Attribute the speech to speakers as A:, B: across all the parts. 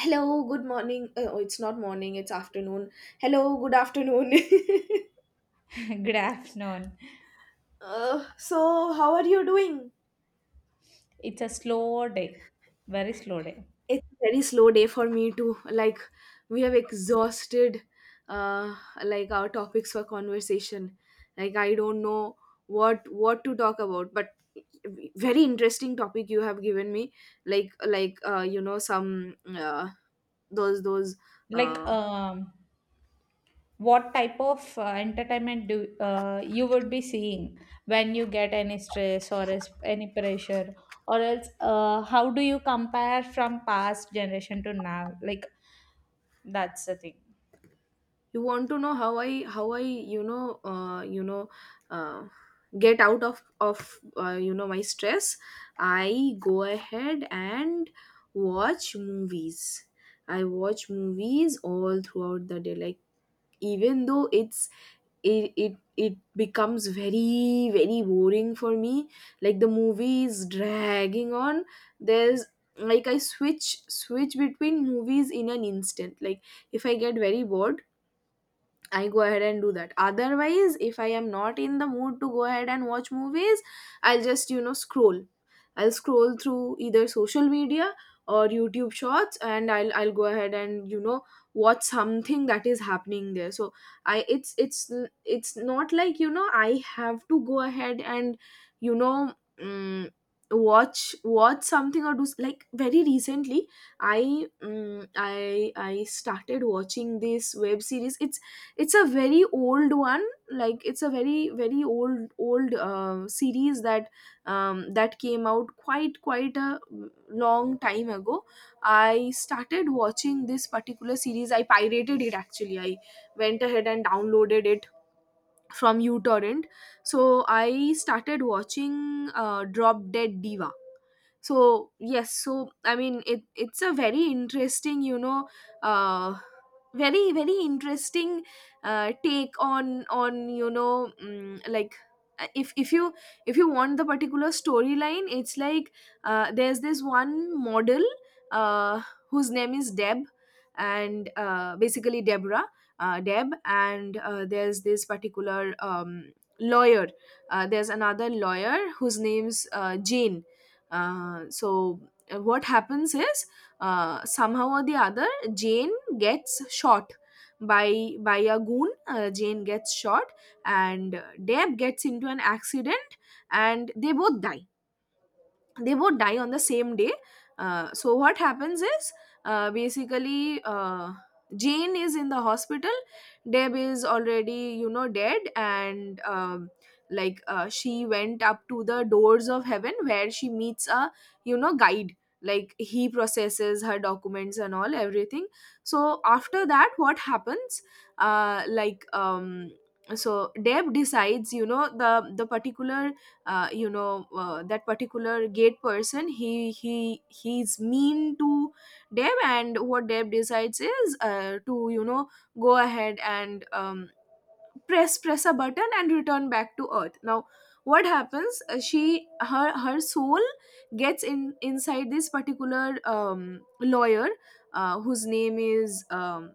A: Hello, good morning. Oh, it's not morning, it's afternoon. Hello, good afternoon.
B: Grafton.
A: So, how are you doing?
B: It's a slow day, very slow day.
A: It's a very slow day for me too. Like, we have exhausted uh like our topics for conversation. Like, I don't know what to talk about, but very interesting topic you have given me. Like, some those
B: Like,
A: uh
B: um, what type of entertainment do you would be seeing when you get any stress or any pressure, or else, how do you compare from past generation to now? Like, that's the thing.
A: you want to know how I uh, get out of my stress. I go ahead and watch movies. I watch movies all throughout the day. Like, even though it becomes very very boring for me, like the movie is dragging on. There's Like, I switch between movies in an instant. Like, if I get very bored, I go ahead and do that. Otherwise, if I am not in the mood to go ahead and watch movies, I'll just, scroll. I'll scroll through either social media or YouTube shorts, and I'll go ahead and, watch something that is happening there. So, I it's not like, I have to go ahead and, you know, mm watch something or like, very recently, I mm I started watching this web series. It's a very old one. Like, it's a very very old old series that came out quite a long time ago. I started watching this particular series. I pirated it, actually. I went ahead and downloaded it from utorrent. So I started watching Drop Dead Diva. So, yes, so I mean, it's a very interesting, uh very very interesting take on, like, uh, if if you if you want the particular storyline, it's like there's this one model, uh whose name is Deb. And basically, Deborah, Deb. And there's this particular lawyer. There's another lawyer whose name's Jane. So, what happens is, somehow or the other, Jane gets shot by a goon. Jane gets shot, and Deb gets into an accident, and they both die on the same day. So, what happens is, basically, Jane is in the hospital. Deb is already, dead, and like, she went up to the doors of heaven, where she meets a, guide. Like, he processes her documents and all, everything. So after that, what happens? Uh, like um, so, Deb decides, the particular, that particular gate person, he's mean to Deb. And what Deb decides is, to, go ahead and, press a button and return back to earth. Now, what happens, she her her soul gets in inside this particular lawyer, whose name is,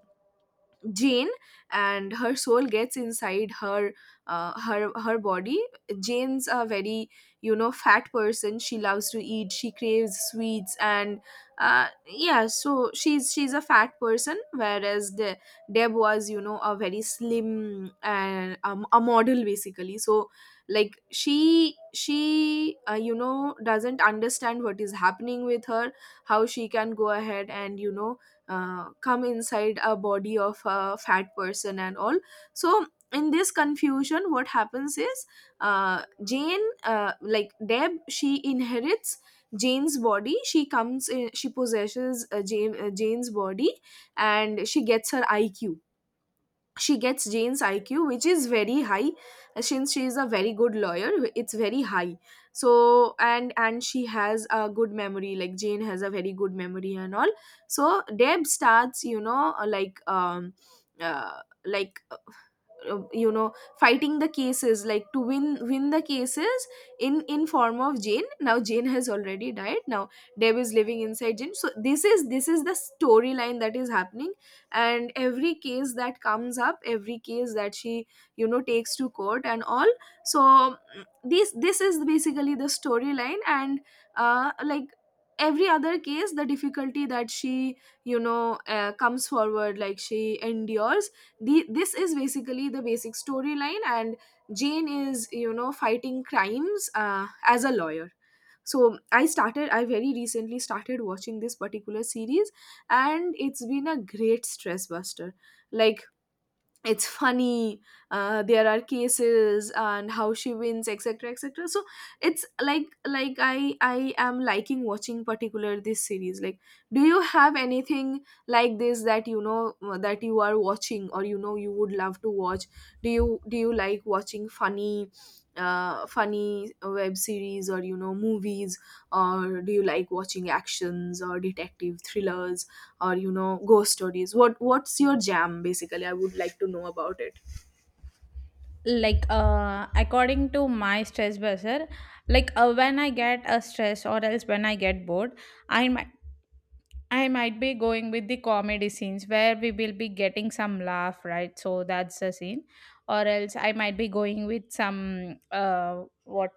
A: Jane. And her soul gets inside her body. Jane's a very, fat person. She loves to eat. She craves sweets and, yeah. So she's a fat person, whereas the Deb was, a very slim and, a model, basically. So, like, she doesn't understand what is happening with her, how she can go ahead and, come inside a body of a fat person and all. So, in this confusion, what happens is, jane like Deb, she inherits Jane's body. She comes in, she possesses Jane, Jane's body. And she gets Jane's IQ, which is very high, since she is a very good lawyer. It's very high. So, and she has a good memory. Like, Jane has a very good memory and all. So, Deb starts, uh, like fighting the cases, like, to win the cases in form of Jane. Now, Jane has already died. Now, Deb is living inside Jane. So, this is the storyline that is happening, and every case that comes up, every case that she, takes to court and all. So, this is basically the storyline. And like, every other case, the difficulty that she, comes forward, like, she endures... this is basically the basic storyline, and Jane is, fighting crimes, as a lawyer. So i started i very recently started watching this particular series, and it's been a great stress buster. Like, it's funny. There are cases and how she wins, etc, etc. So, it's like, I am liking watching particular, this series. Like, do you have anything like this, that you are watching, or, you would love to watch? Do you like watching funny, funny web series, or, movies, or do you like watching actions or detective thrillers, or, ghost stories? What's your jam, basically? I would like to know about it.
B: Like, according to my stress buster, like when I get a stress or else when I get bored, i mi- I might be going with the comedy scenes where we will be getting some laugh, right? So that's the scene. Or else I might be going with some uh what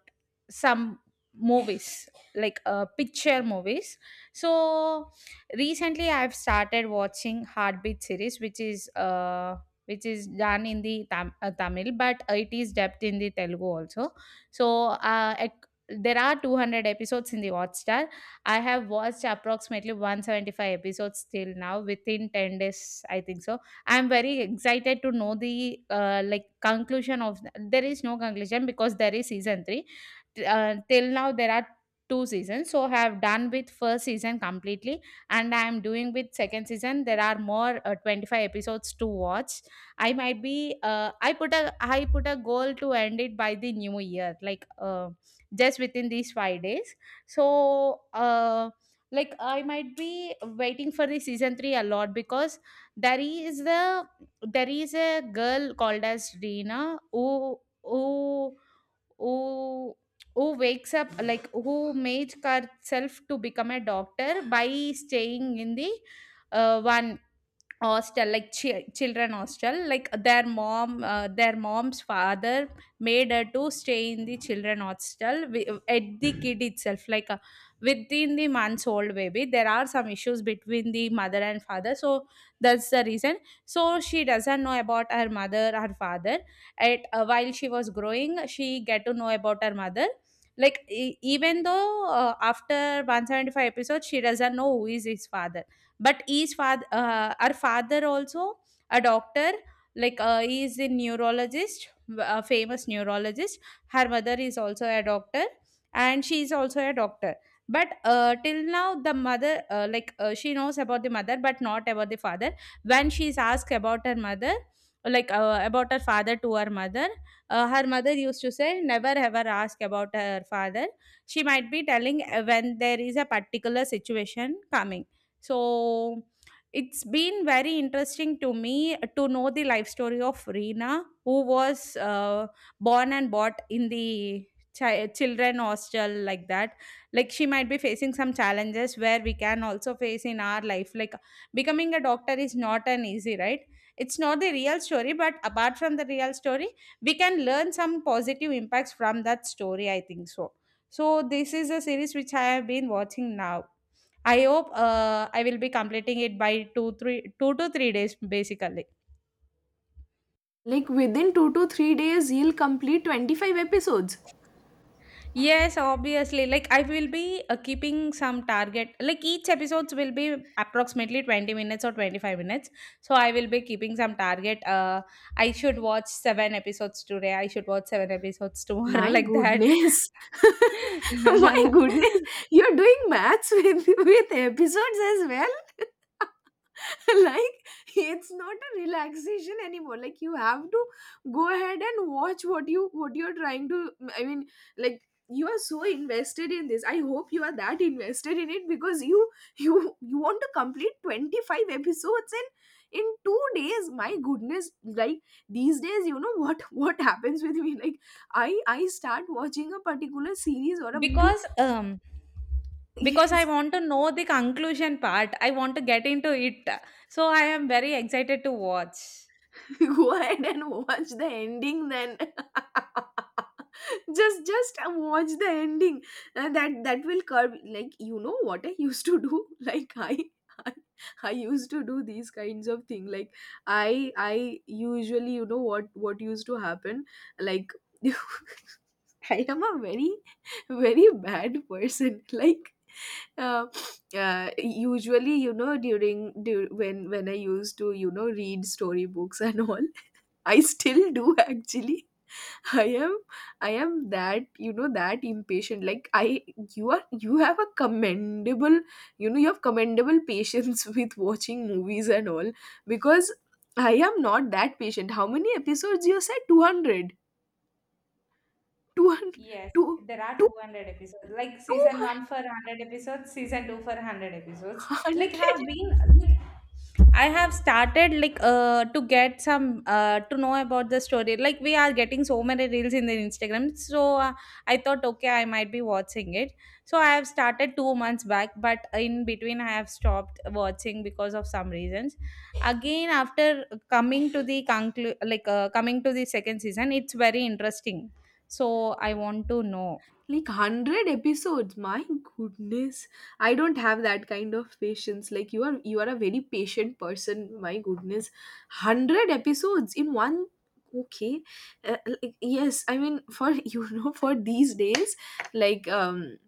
B: some movies, like picture movies. So recently I've started watching Heartbeat series, which is done in the Tamil, but it is dubbed in the Telugu also. So there are 200 episodes in the Hotstar. I have watched approximately 175 episodes till now, within 10 days, I think so. I'm very excited to know the like conclusion of — there is no conclusion because there is season 3. Till now there are two seasons, so I have done with first season completely and I am doing with second season. There are more 25 episodes to watch. I might be, I put a goal to end it by the new year, like just within these 5 days. So, like I might be waiting for the season 3 a lot, because there is the there is a girl called as Reena, who who wakes up, like who made herself to become a doctor by staying in the one hostel, like children hostel. Like their mom's father made her to stay in the children hostel, at the kid itself, like within the months old baby. There are some issues between the mother and father, so that's the reason. So she doesn't know about her mother, her father. At uh, while she was growing, she get to know about her mother. Even though after 175 episodes, she doesn't know who is his father. But his father, our father, also, a doctor. Like he is a neurologist, a famous neurologist. Her mother is also a doctor and she is also a doctor, but till now, the mother, like, she knows about the mother but not about the father. When she is asked about her mother, like, about her father, to her mother, her mother used to say never ever ask about her father. She might be telling when there is a particular situation coming. So it's been very interesting to me to know the life story of Reena, who was born and bought in the children hostel, like that. Like, she might be facing some challenges where we can also face in our life, like becoming a doctor is not an easy, right? It's not the real story, but apart from the real story, we can learn some positive impacts from that story, I think so. So this is a series which I have been watching now. I hope I will be completing it by 2 to 3 days basically.
A: Like, within 2 to 3 days, he'll complete 25 episodes?
B: Yes, obviously. Like, I will be, keeping some target. Like, each episodes will be approximately 20 minutes or 25 minutes. So I will be keeping some target. I should watch seven episodes today. I should watch seven episodes tomorrow,
A: My
B: like that.
A: goodness. My goodness, you're doing maths with episodes as well. Like, it's not a relaxation anymore. Like, you have to go ahead and watch what you're trying to, I mean, like, you are so invested in this. I hope you are that invested in it, because you want to complete 25 episodes in 2 days. My goodness. Like, these days, you know what what happens with me? Like, I start watching a particular series or a movie.
B: because um because
A: Yes.
B: I want to know the conclusion part, I want to get into it, so I am very excited to watch.
A: Go ahead and watch the ending, then. Just watch the ending, and that will curb. Like, you know what I used to do? Like, i, I used to do these kinds of thing. Like, I usually, you know, what used to happen, like, I am a very very bad person. Like, uh, usually, you know, during, during when I used to, read storybooks and all. I still do, actually. I am I am that, that impatient. Like, I... you have a commendable, you know, you have commendable patience with watching movies and all, because I am not that patient. How many episodes, you said? 200. 200. Two hundred.
B: Yes,
A: two
B: there are
A: two
B: 200 episodes. Like, season
A: Two
B: 1 for 100 episodes, season 2 for 100 episodes. Like
A: hundred.
B: have been like, I have started, like to get some, to know about the story. Like, we are getting so many reels in the Instagram. So I thought, okay, I might be watching it. So I have started 2 months back, but in between I have stopped watching because of some reasons. Again, after coming to the second season, it's very interesting, so I want to know.
A: Like, 100 episodes. My goodness. I don't have that kind of patience. Like, you are a very patient person. My goodness. 100 episodes in one... okay. Like, yes, I mean, for you know, for these days, like, um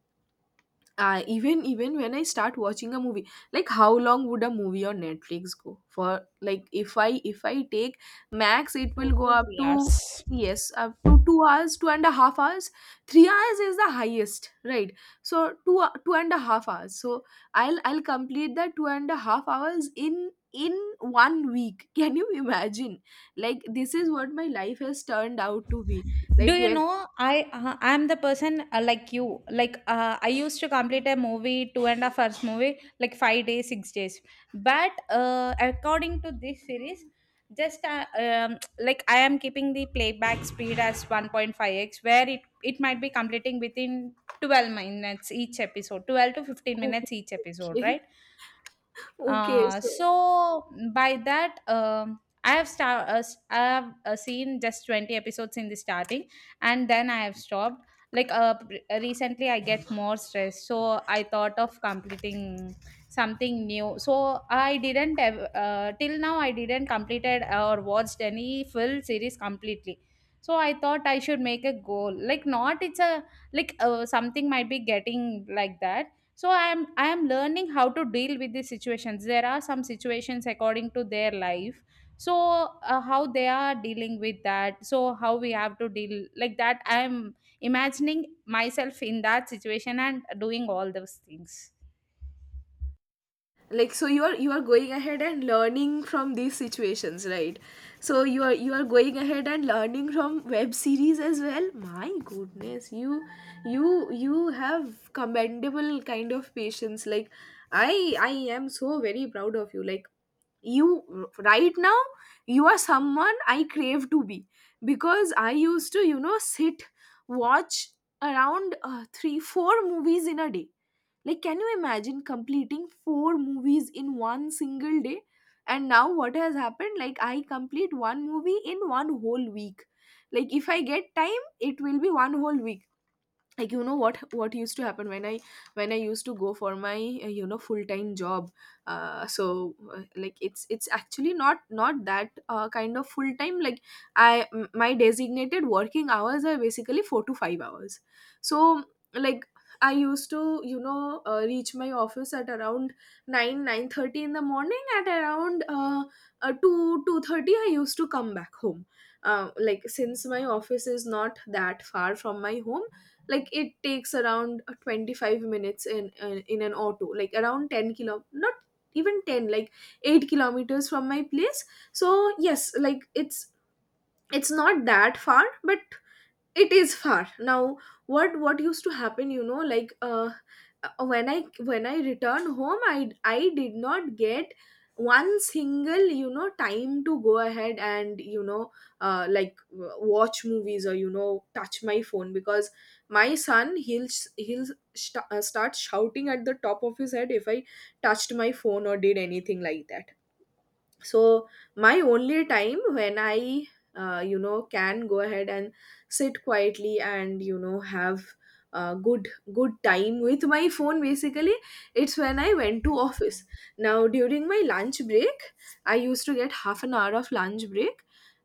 A: uh, even when I start watching a movie, like, how long would a movie on Netflix go for? Like, if I take max, it will
B: two
A: go
B: to
A: up
B: three
A: to...
B: hours.
A: yes, up to 2 hours, 2.5 hours. 3 hours is the highest, right? So, 2.5 hours. So I'll complete that 2.5 hours in one week. Can you imagine? Like, this is what my life has turned out to be.
B: Do
A: Like,
B: you
A: when...
B: know, I'm the person, like you, like I used to complete a movie — 2.5 hours movie — like 5 days, 6 days, but according to this series, just like I am keeping the playback speed as 1.5x, where it might be completing within 12 minutes each episode, 12 to 15
A: Oh.
B: minutes each episode,
A: Okay.
B: right?
A: Okay
B: Uh,
A: so,
B: so by that, I have star- s- I have seen just 20 episodes in the starting, and then I have stopped. Like, recently, I get more stressed, so I thought of completing something new. So I didn't, till now I didn't completed or watched any full series completely. So I thought I should make a goal, like, not, it's a, like something might be getting like that. So I am learning how to deal with these situations. There are some situations according to their life. So how they are dealing with that, so how we have to deal like that, I am imagining myself in that situation and doing all those things.
A: like, so you are going ahead and learning from these situations, right? So you are going ahead and learning from web series as well. My goodness. You have commendable kind of patience. Like, I am so very proud of you. Like, you, right now, you are someone I crave to be, because I used to, sit, watch around, 3, 4 movies in a day. Like, can you imagine completing four movies in one single day? And now, what has happened? Like, I complete one movie in one whole week. Like, if I get time, it will be one whole week. What used to happen when I used to go for my full time job. Like it's actually not that kind of full time. Like my designated working hours are basically 4 to 5 hours. So like, I used to reach my office at around 9 9:30 in the morning. At around 2 2:30 I used to come back home. Like, since my office is not that far from my home, like it takes around 25 minutes in an auto. Like, around 10 kilo, not even 10, like 8 kilometers from my place. So yes, like it's not that far, but it is far now. What used to happen, you know, like when I returned home, I did not get one single, you know, time to go ahead and, you know, watch movies or, you know, touch my phone, because my son, he'll start shouting at the top of his head if I touched my phone or did anything like that. So my only time when I, you know, can go ahead and sit quietly and, you know, have uh, good good time with my phone basically, it's when I went to office. Now, during my lunch break, I used to get half an hour of lunch break,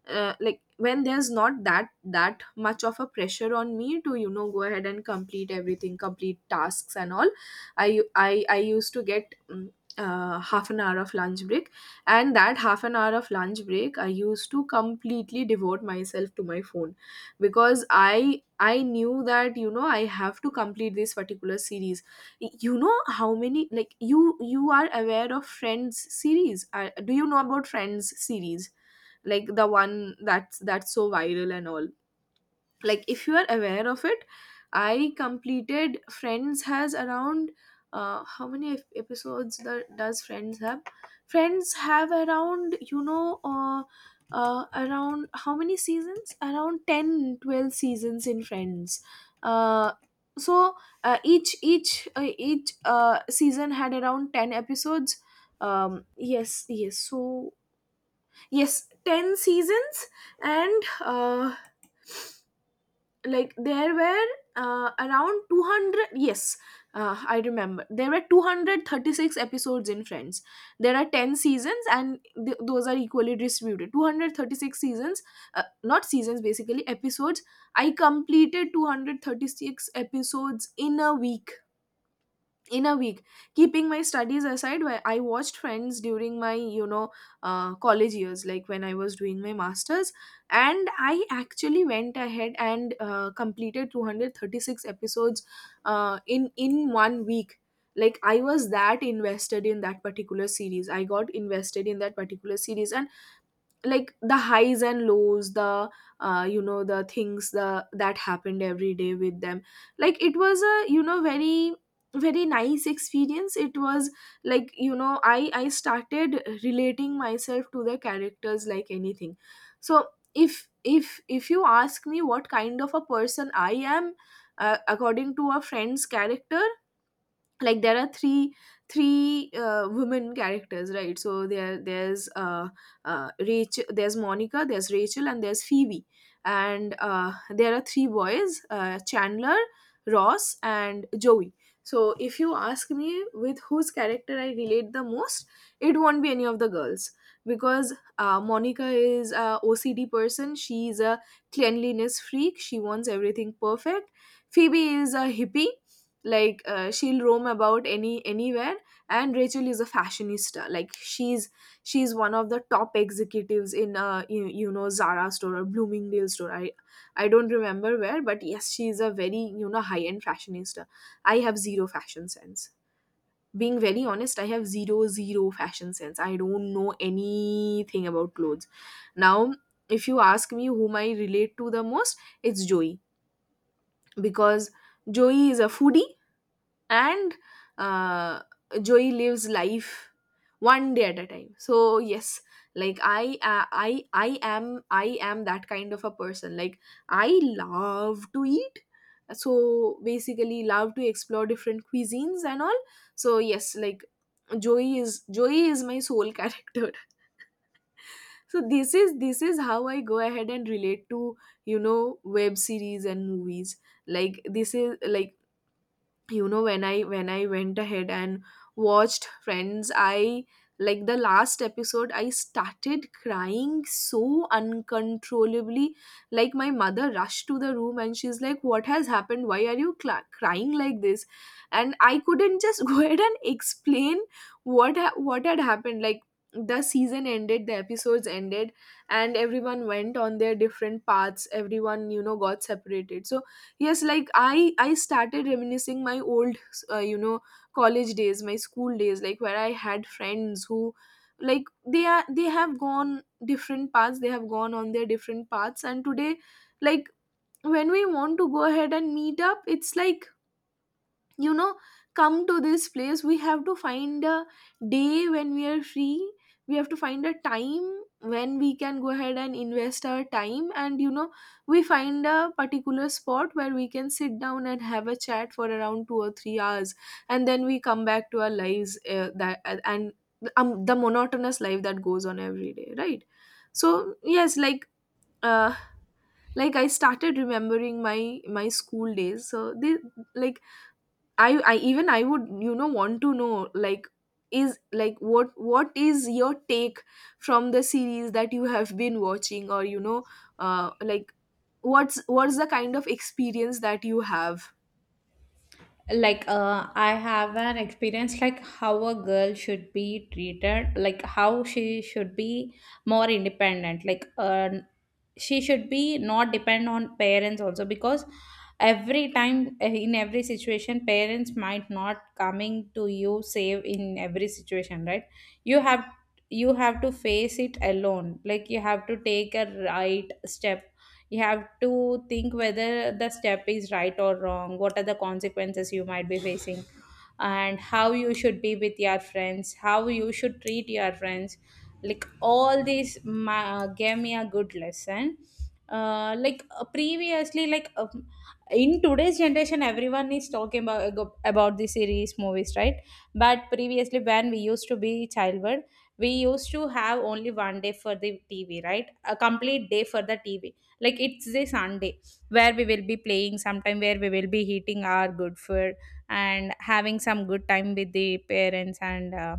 A: like when there's not that much of a pressure on me to, you know, go ahead and complete everything, complete tasks and all. I used to get half an hour of lunch break. And that half an hour of lunch break, I used to completely devote myself to my phone, because I knew that, you know, I have to complete this particular series. You know how many, like, you are aware of friends series. Do you know about friends series, like the one that's so viral and all? Like, if you are aware of it, I completed friends, has around, how many episodes that does friends have? Friends have around, you know, around how many seasons? Around 10, 12 seasons in friends. uh, so each season had around 10 episodes. Yes, yes, so yes, 10 seasons. And, like, there were, around 200, yes, I remember there were 236 episodes in friends. There are 10 seasons, and those are equally distributed 236 seasons, not seasons, basically episodes. I completed 236 episodes in a week, in a week, keeping my studies aside, where I watched friends during my, you know, college years, like when I was doing my masters. And I actually went ahead and, completed 236 episodes, in one week. Like I was that invested in that particular series. I got invested in that particular series. Like the highs and lows, the, you know, the things, the that happened every day with them. Like it was a, you know, very very nice experience it was. Like, you know, I started relating myself to the characters, like anything. So if you ask me what kind of a person I am, according to a friend's character, like there are three, women characters, right? So there there's rachel there's monica, there's rachel, and there's phoebe. And, there are three boys: chandler, ross, and joey. So if you ask me with whose character I relate the most, it won't be any of the girls. Because, monica is a ocd person. She's a cleanliness freak. She wants everything perfect. Phoebe is a hippie. Like, she'll roam about anywhere. And rachel is a fashionista. Like she's one of the top executives in, you, you know, zara store or bloomingdale store. I don't remember where. But yes, she's a very, you know, high end fashionista. I have zero fashion sense. Being very honest, I have zero fashion sense. I don't know anything about clothes. Now, if you ask me whom I relate to the most, it's joey. Because joey is a foodie. And, uh, joey lives life one day at a time. So yes, like I am that kind of a person. Like, I love to eat. So basically, love to explore different cuisines and all. So yes, like joey is my soul character. So this is how I go ahead and relate to, you know, web series and movies. Like this is like, you know, when I went ahead and watched friends, I like the last episode, I started crying so uncontrollably. Like my mother rushed to the room, and she's like, what has happened, why are you cla crying like this? And I couldn't just go ahead and explain what had happened. Like, the season ended, the episodes ended, and everyone went on their different paths. Everyone, you know, got separated. So yes, like I started reminiscing my old, you know, college days, my school days. Like, where I had friends who, like, they are, they have gone different paths. They have gone on their different paths. And today, like, when we want to go ahead and meet up, it's like, you know, come to this place, we have to find a day when we are free. We have to find a time when we can go ahead and invest our time. And, you know, we find a particular spot where we can sit down and have a chat for around 2 or 3 hours. And then we come back to our lives, that and, the monotonous life that goes on every day, right? So yes, like, uh, like, I started remembering my my school days. So they, like, I even, I would, you know, want to know like, is like, what is your take from the series that you have been watching, or you know, like what's the kind of experience that you have.
B: Like, I have an experience like how a girl should be treated, like how she should be more independent. Like, she should be not depend on parents also, because every time, in every situation, parents might not coming to you save in every situation, right? You have, you have to face it alone, like you have to take a right step. You have to think whether the step is right or wrong, what are the consequences you might be facing, and how you should be with your friends, how you should treat your friends. Like, all these gave me a good lesson. Like, previously, like, in today's generation, everyone is talking about the series, movies, right? But previously, when we used to be childhood, we used to have only 1 day for the TV, right? A complete day for the TV, like it's a Sunday, where we will be playing sometime, where we will be eating our good food and having some good time with the parents and, uh,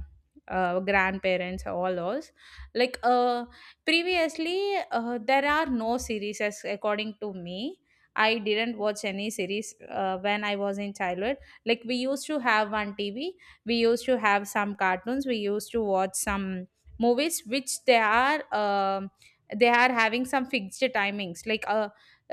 B: uh, grandparents, all those. Like, previously, there are no series as according to me. I didn't watch any series when I was in childhood. Like, we used to have one TV. We used to have some cartoons. We used to watch some movies, which they are, they are having some fixed timings, like, uh,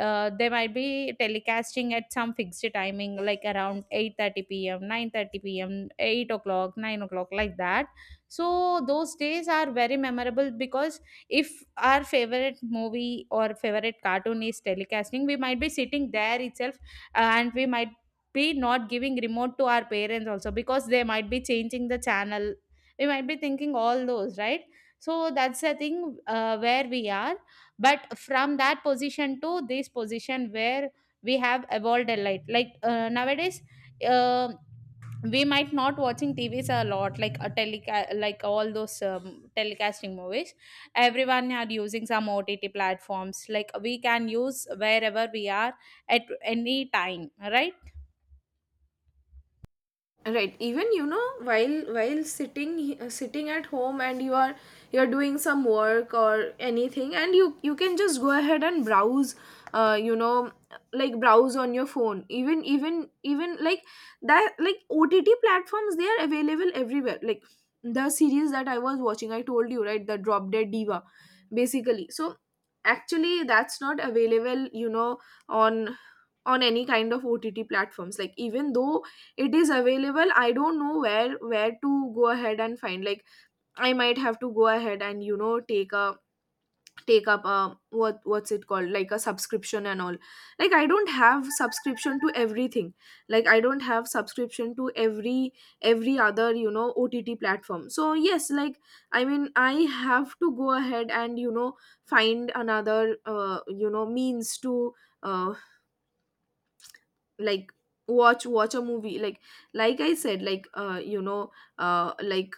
B: uh they might be telecasting at some fixed timing, like around 8:30 p.m., 9:30 p.m., 8 o'clock, 9 o'clock, like that. So those days are very memorable, because if our favorite movie or favorite cartoon is telecasting, we might be sitting there itself, and we might be not giving remote to our parents also, because they might be changing the channel, we might be thinking all those, right? So that's the thing, where we are. But from that position to this position, where we have evolved a lot, like, nowadays, uh, we might not watching TVs a lot, like a like all those telecasting movies, everyone are using some OTT platforms, like we can use wherever we are, at any time, right?
A: Right, even, you know, while sitting, sitting at home, and you are, you're doing some work or anything, and you can just go ahead and browse, you know, like browse on your phone, even, even like that, like OTT platforms, they are available everywhere. Like the series that I was watching, I told you right, the drop dead diva basically. So actually, that's not available, you know, on any kind of OTT platforms. Like, even though it is available, I don't know where to go ahead and find. Like, I might have to go ahead and, you know, take up a, what's it called, like a subscription and all. Like, I don't have subscription to everything. Like, I don't have subscription to every other, you know, OTT platform. So yes, like, I mean, I have to go ahead and, you know, find another, you know, means to, uh, like, watch a movie. Like I said, like, you know, uh like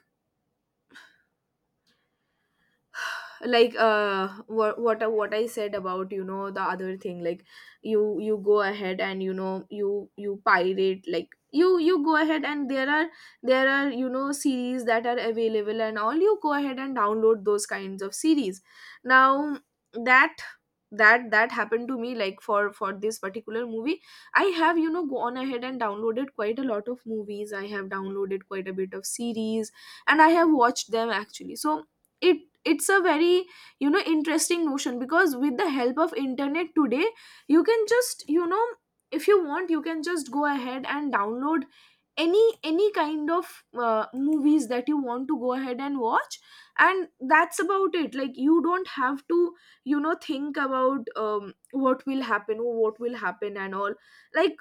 A: what I said about, you know, the other thing. Like, you go ahead and, you know, you pirate. Like you go ahead and there are, you know, series that are available and all. You go ahead and download those kinds of series. Now, that that happened to me. Like for this particular movie, I have, you know, gone ahead and downloaded quite a lot of movies. I have downloaded quite a bit of series, and I have watched them actually. So it's a very, you know, interesting notion, because with the help of internet today, you can just, you know, if you want, you can just go ahead and download any kind of movies that you want to go ahead and watch. And that's about it. Like, you don't have to, you know, think about, what will happen, or what will happen and all. Like,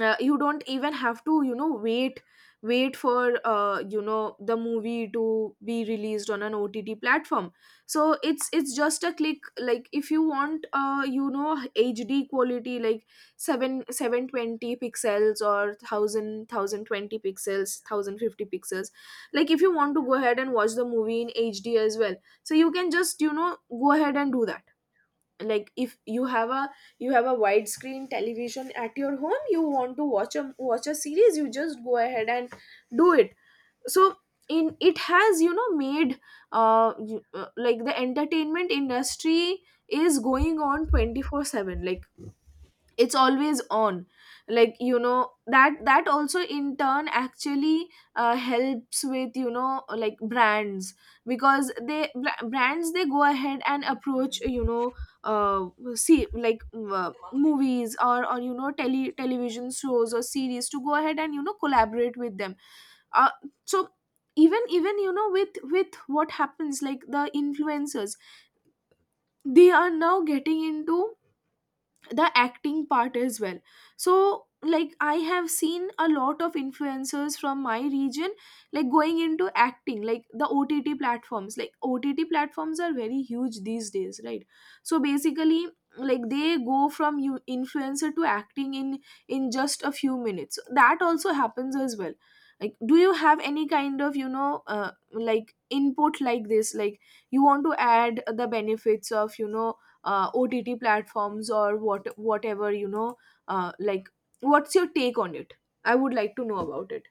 A: you don't even have to, you know, wait for, you know, the movie to be released on an OTT platform. So it's just a click. Like, if you want, you know, HD quality, like 7 720 pixels or 1020 pixels, 1050 pixels, like if you want to go ahead and watch the movie in HD as well, so you can just, you know, go ahead and do that. Like, if you have a, you have a widescreen television at your home, you want to watch a watch a series, you just go ahead and do it. So in, it has, you know, made, like, the entertainment industry is going on 24/7. Like, it's always on. Like, you know, that also in turn actually, helps with, you know, like brands. Because they, brands, they go ahead and approach, you know, uh, see, like, movies or you know, television shows or series to go ahead and, you know, collaborate with them. uh, so, even you know, with what happens, like the influencers, they are now getting into the acting part as well. So like, I have seen a lot of influencers from my region, like going into acting. Like, the OTT platforms, like OTT platforms are very huge these days, right? So basically, like they go from you influencer to acting in, just a few minutes. That also happens as well. Like, do you have any kind of, you know, like, input like this? Like, you want to add the benefits of, you know, OTT platforms, or whatever, you know, like, what's your take on it? I would like to know about it.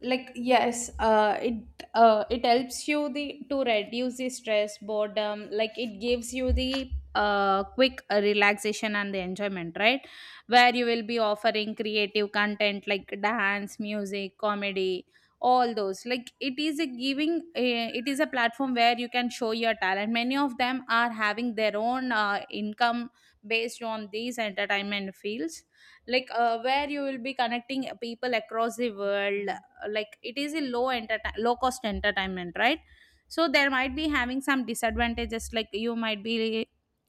B: Like, yes, it helps you the to reduce the stress, boredom. Like, it gives you the quick relaxation and the enjoyment, right? Where you will be offering creative content like dance, music, comedy, all those. Like, it is a, platform where you can show your talent. Many of them are having their own income based on these entertainment fields. Like, where you will be connecting people across the world, like it is a low cost entertainment, right? So there might be having some disadvantages, like you might be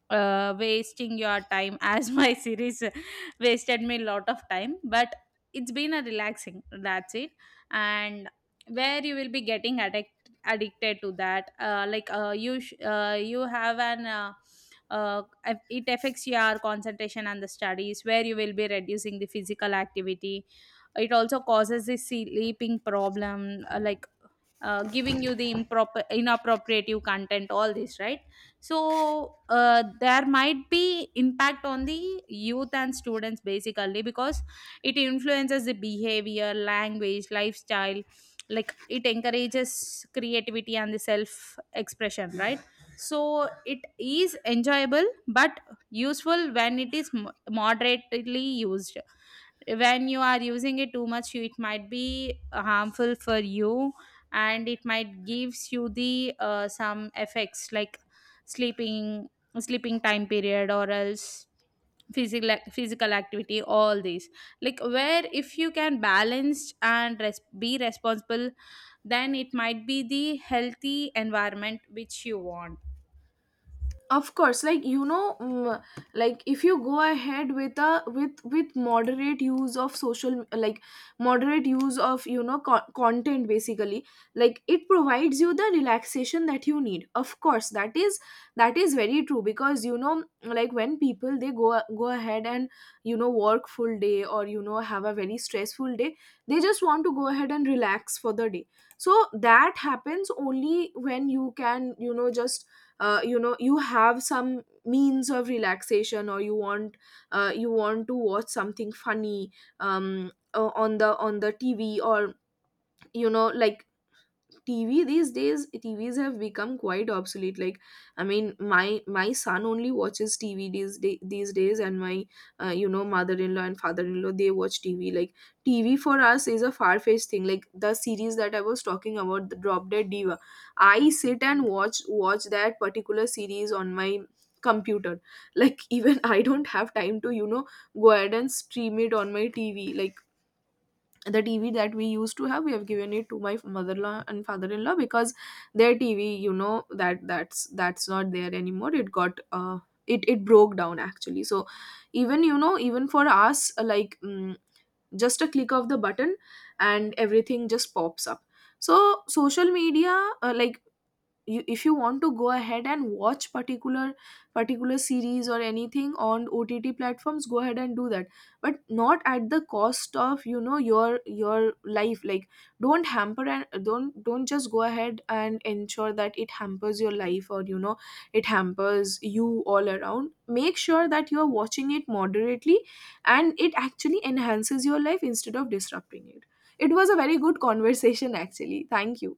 B: wasting your time, as my series wasted me a lot of time. But it's been a relaxing, that's it. And where you will be getting addicted to that, like, you sh- you have an uh, it affects your concentration and the studies, where you will be reducing the physical activity. It also causes the sleeping problem, like, giving you the improper inappropriate content, all this, right? So there might be impact on the youth and students basically, because it influences the behavior, language, lifestyle. Like, it encourages creativity and the self expression, right? So it is enjoyable but useful when it is moderately used. When you are using it too much, it might be harmful for you, and it might gives you the some effects like sleeping sleeping time period, or else physical activity, all these. Like, where if you can balance and be responsible, then it might be the healthy environment which you want.
A: Of course, like, you know, like, if you go ahead with a, with, moderate use of social, like moderate use of, you know, content basically. Like, it provides you the relaxation that you need, of course. That is very true, because, you know, like, when people, they go ahead and, you know, work full day, or you know, have a very stressful day, they just want to go ahead and relax for the day. So that happens only when you can, you know, just, you know, you have some means of relaxation, or you want, you want to watch something funny, on the, tv. Or, you know, like, TV these days, TVs have become quite obsolete. Like I mean, my son only watches TV these days, and my, you know, mother-in-law and father-in-law, they watch TV. Like TV for us is a far-fetched thing. Like the series that I was talking about, the Drop Dead Diva, I sit and watch that particular series on my computer. Like, even I don't have time to, you know, go ahead and stream it on my TV. Like the TV that we used to have, we have given it to my mother-in-law and father-in-law, because their TV, you know, that's not there anymore. It got, it broke down actually. So, even, you know, even for us, like, just a click of the button, and everything just pops up. So, social media, like, you, if you want to go ahead and watch particular series or anything on OTT platforms, go ahead and do that. But not at the cost of, you know, your life. Like, don't hamper and don't just go ahead and ensure that it hampers your life, or you know, it hampers you all around. Make sure that you are watching it moderately, and it actually enhances your life instead of disrupting it. It was a very good conversation actually. Thank you.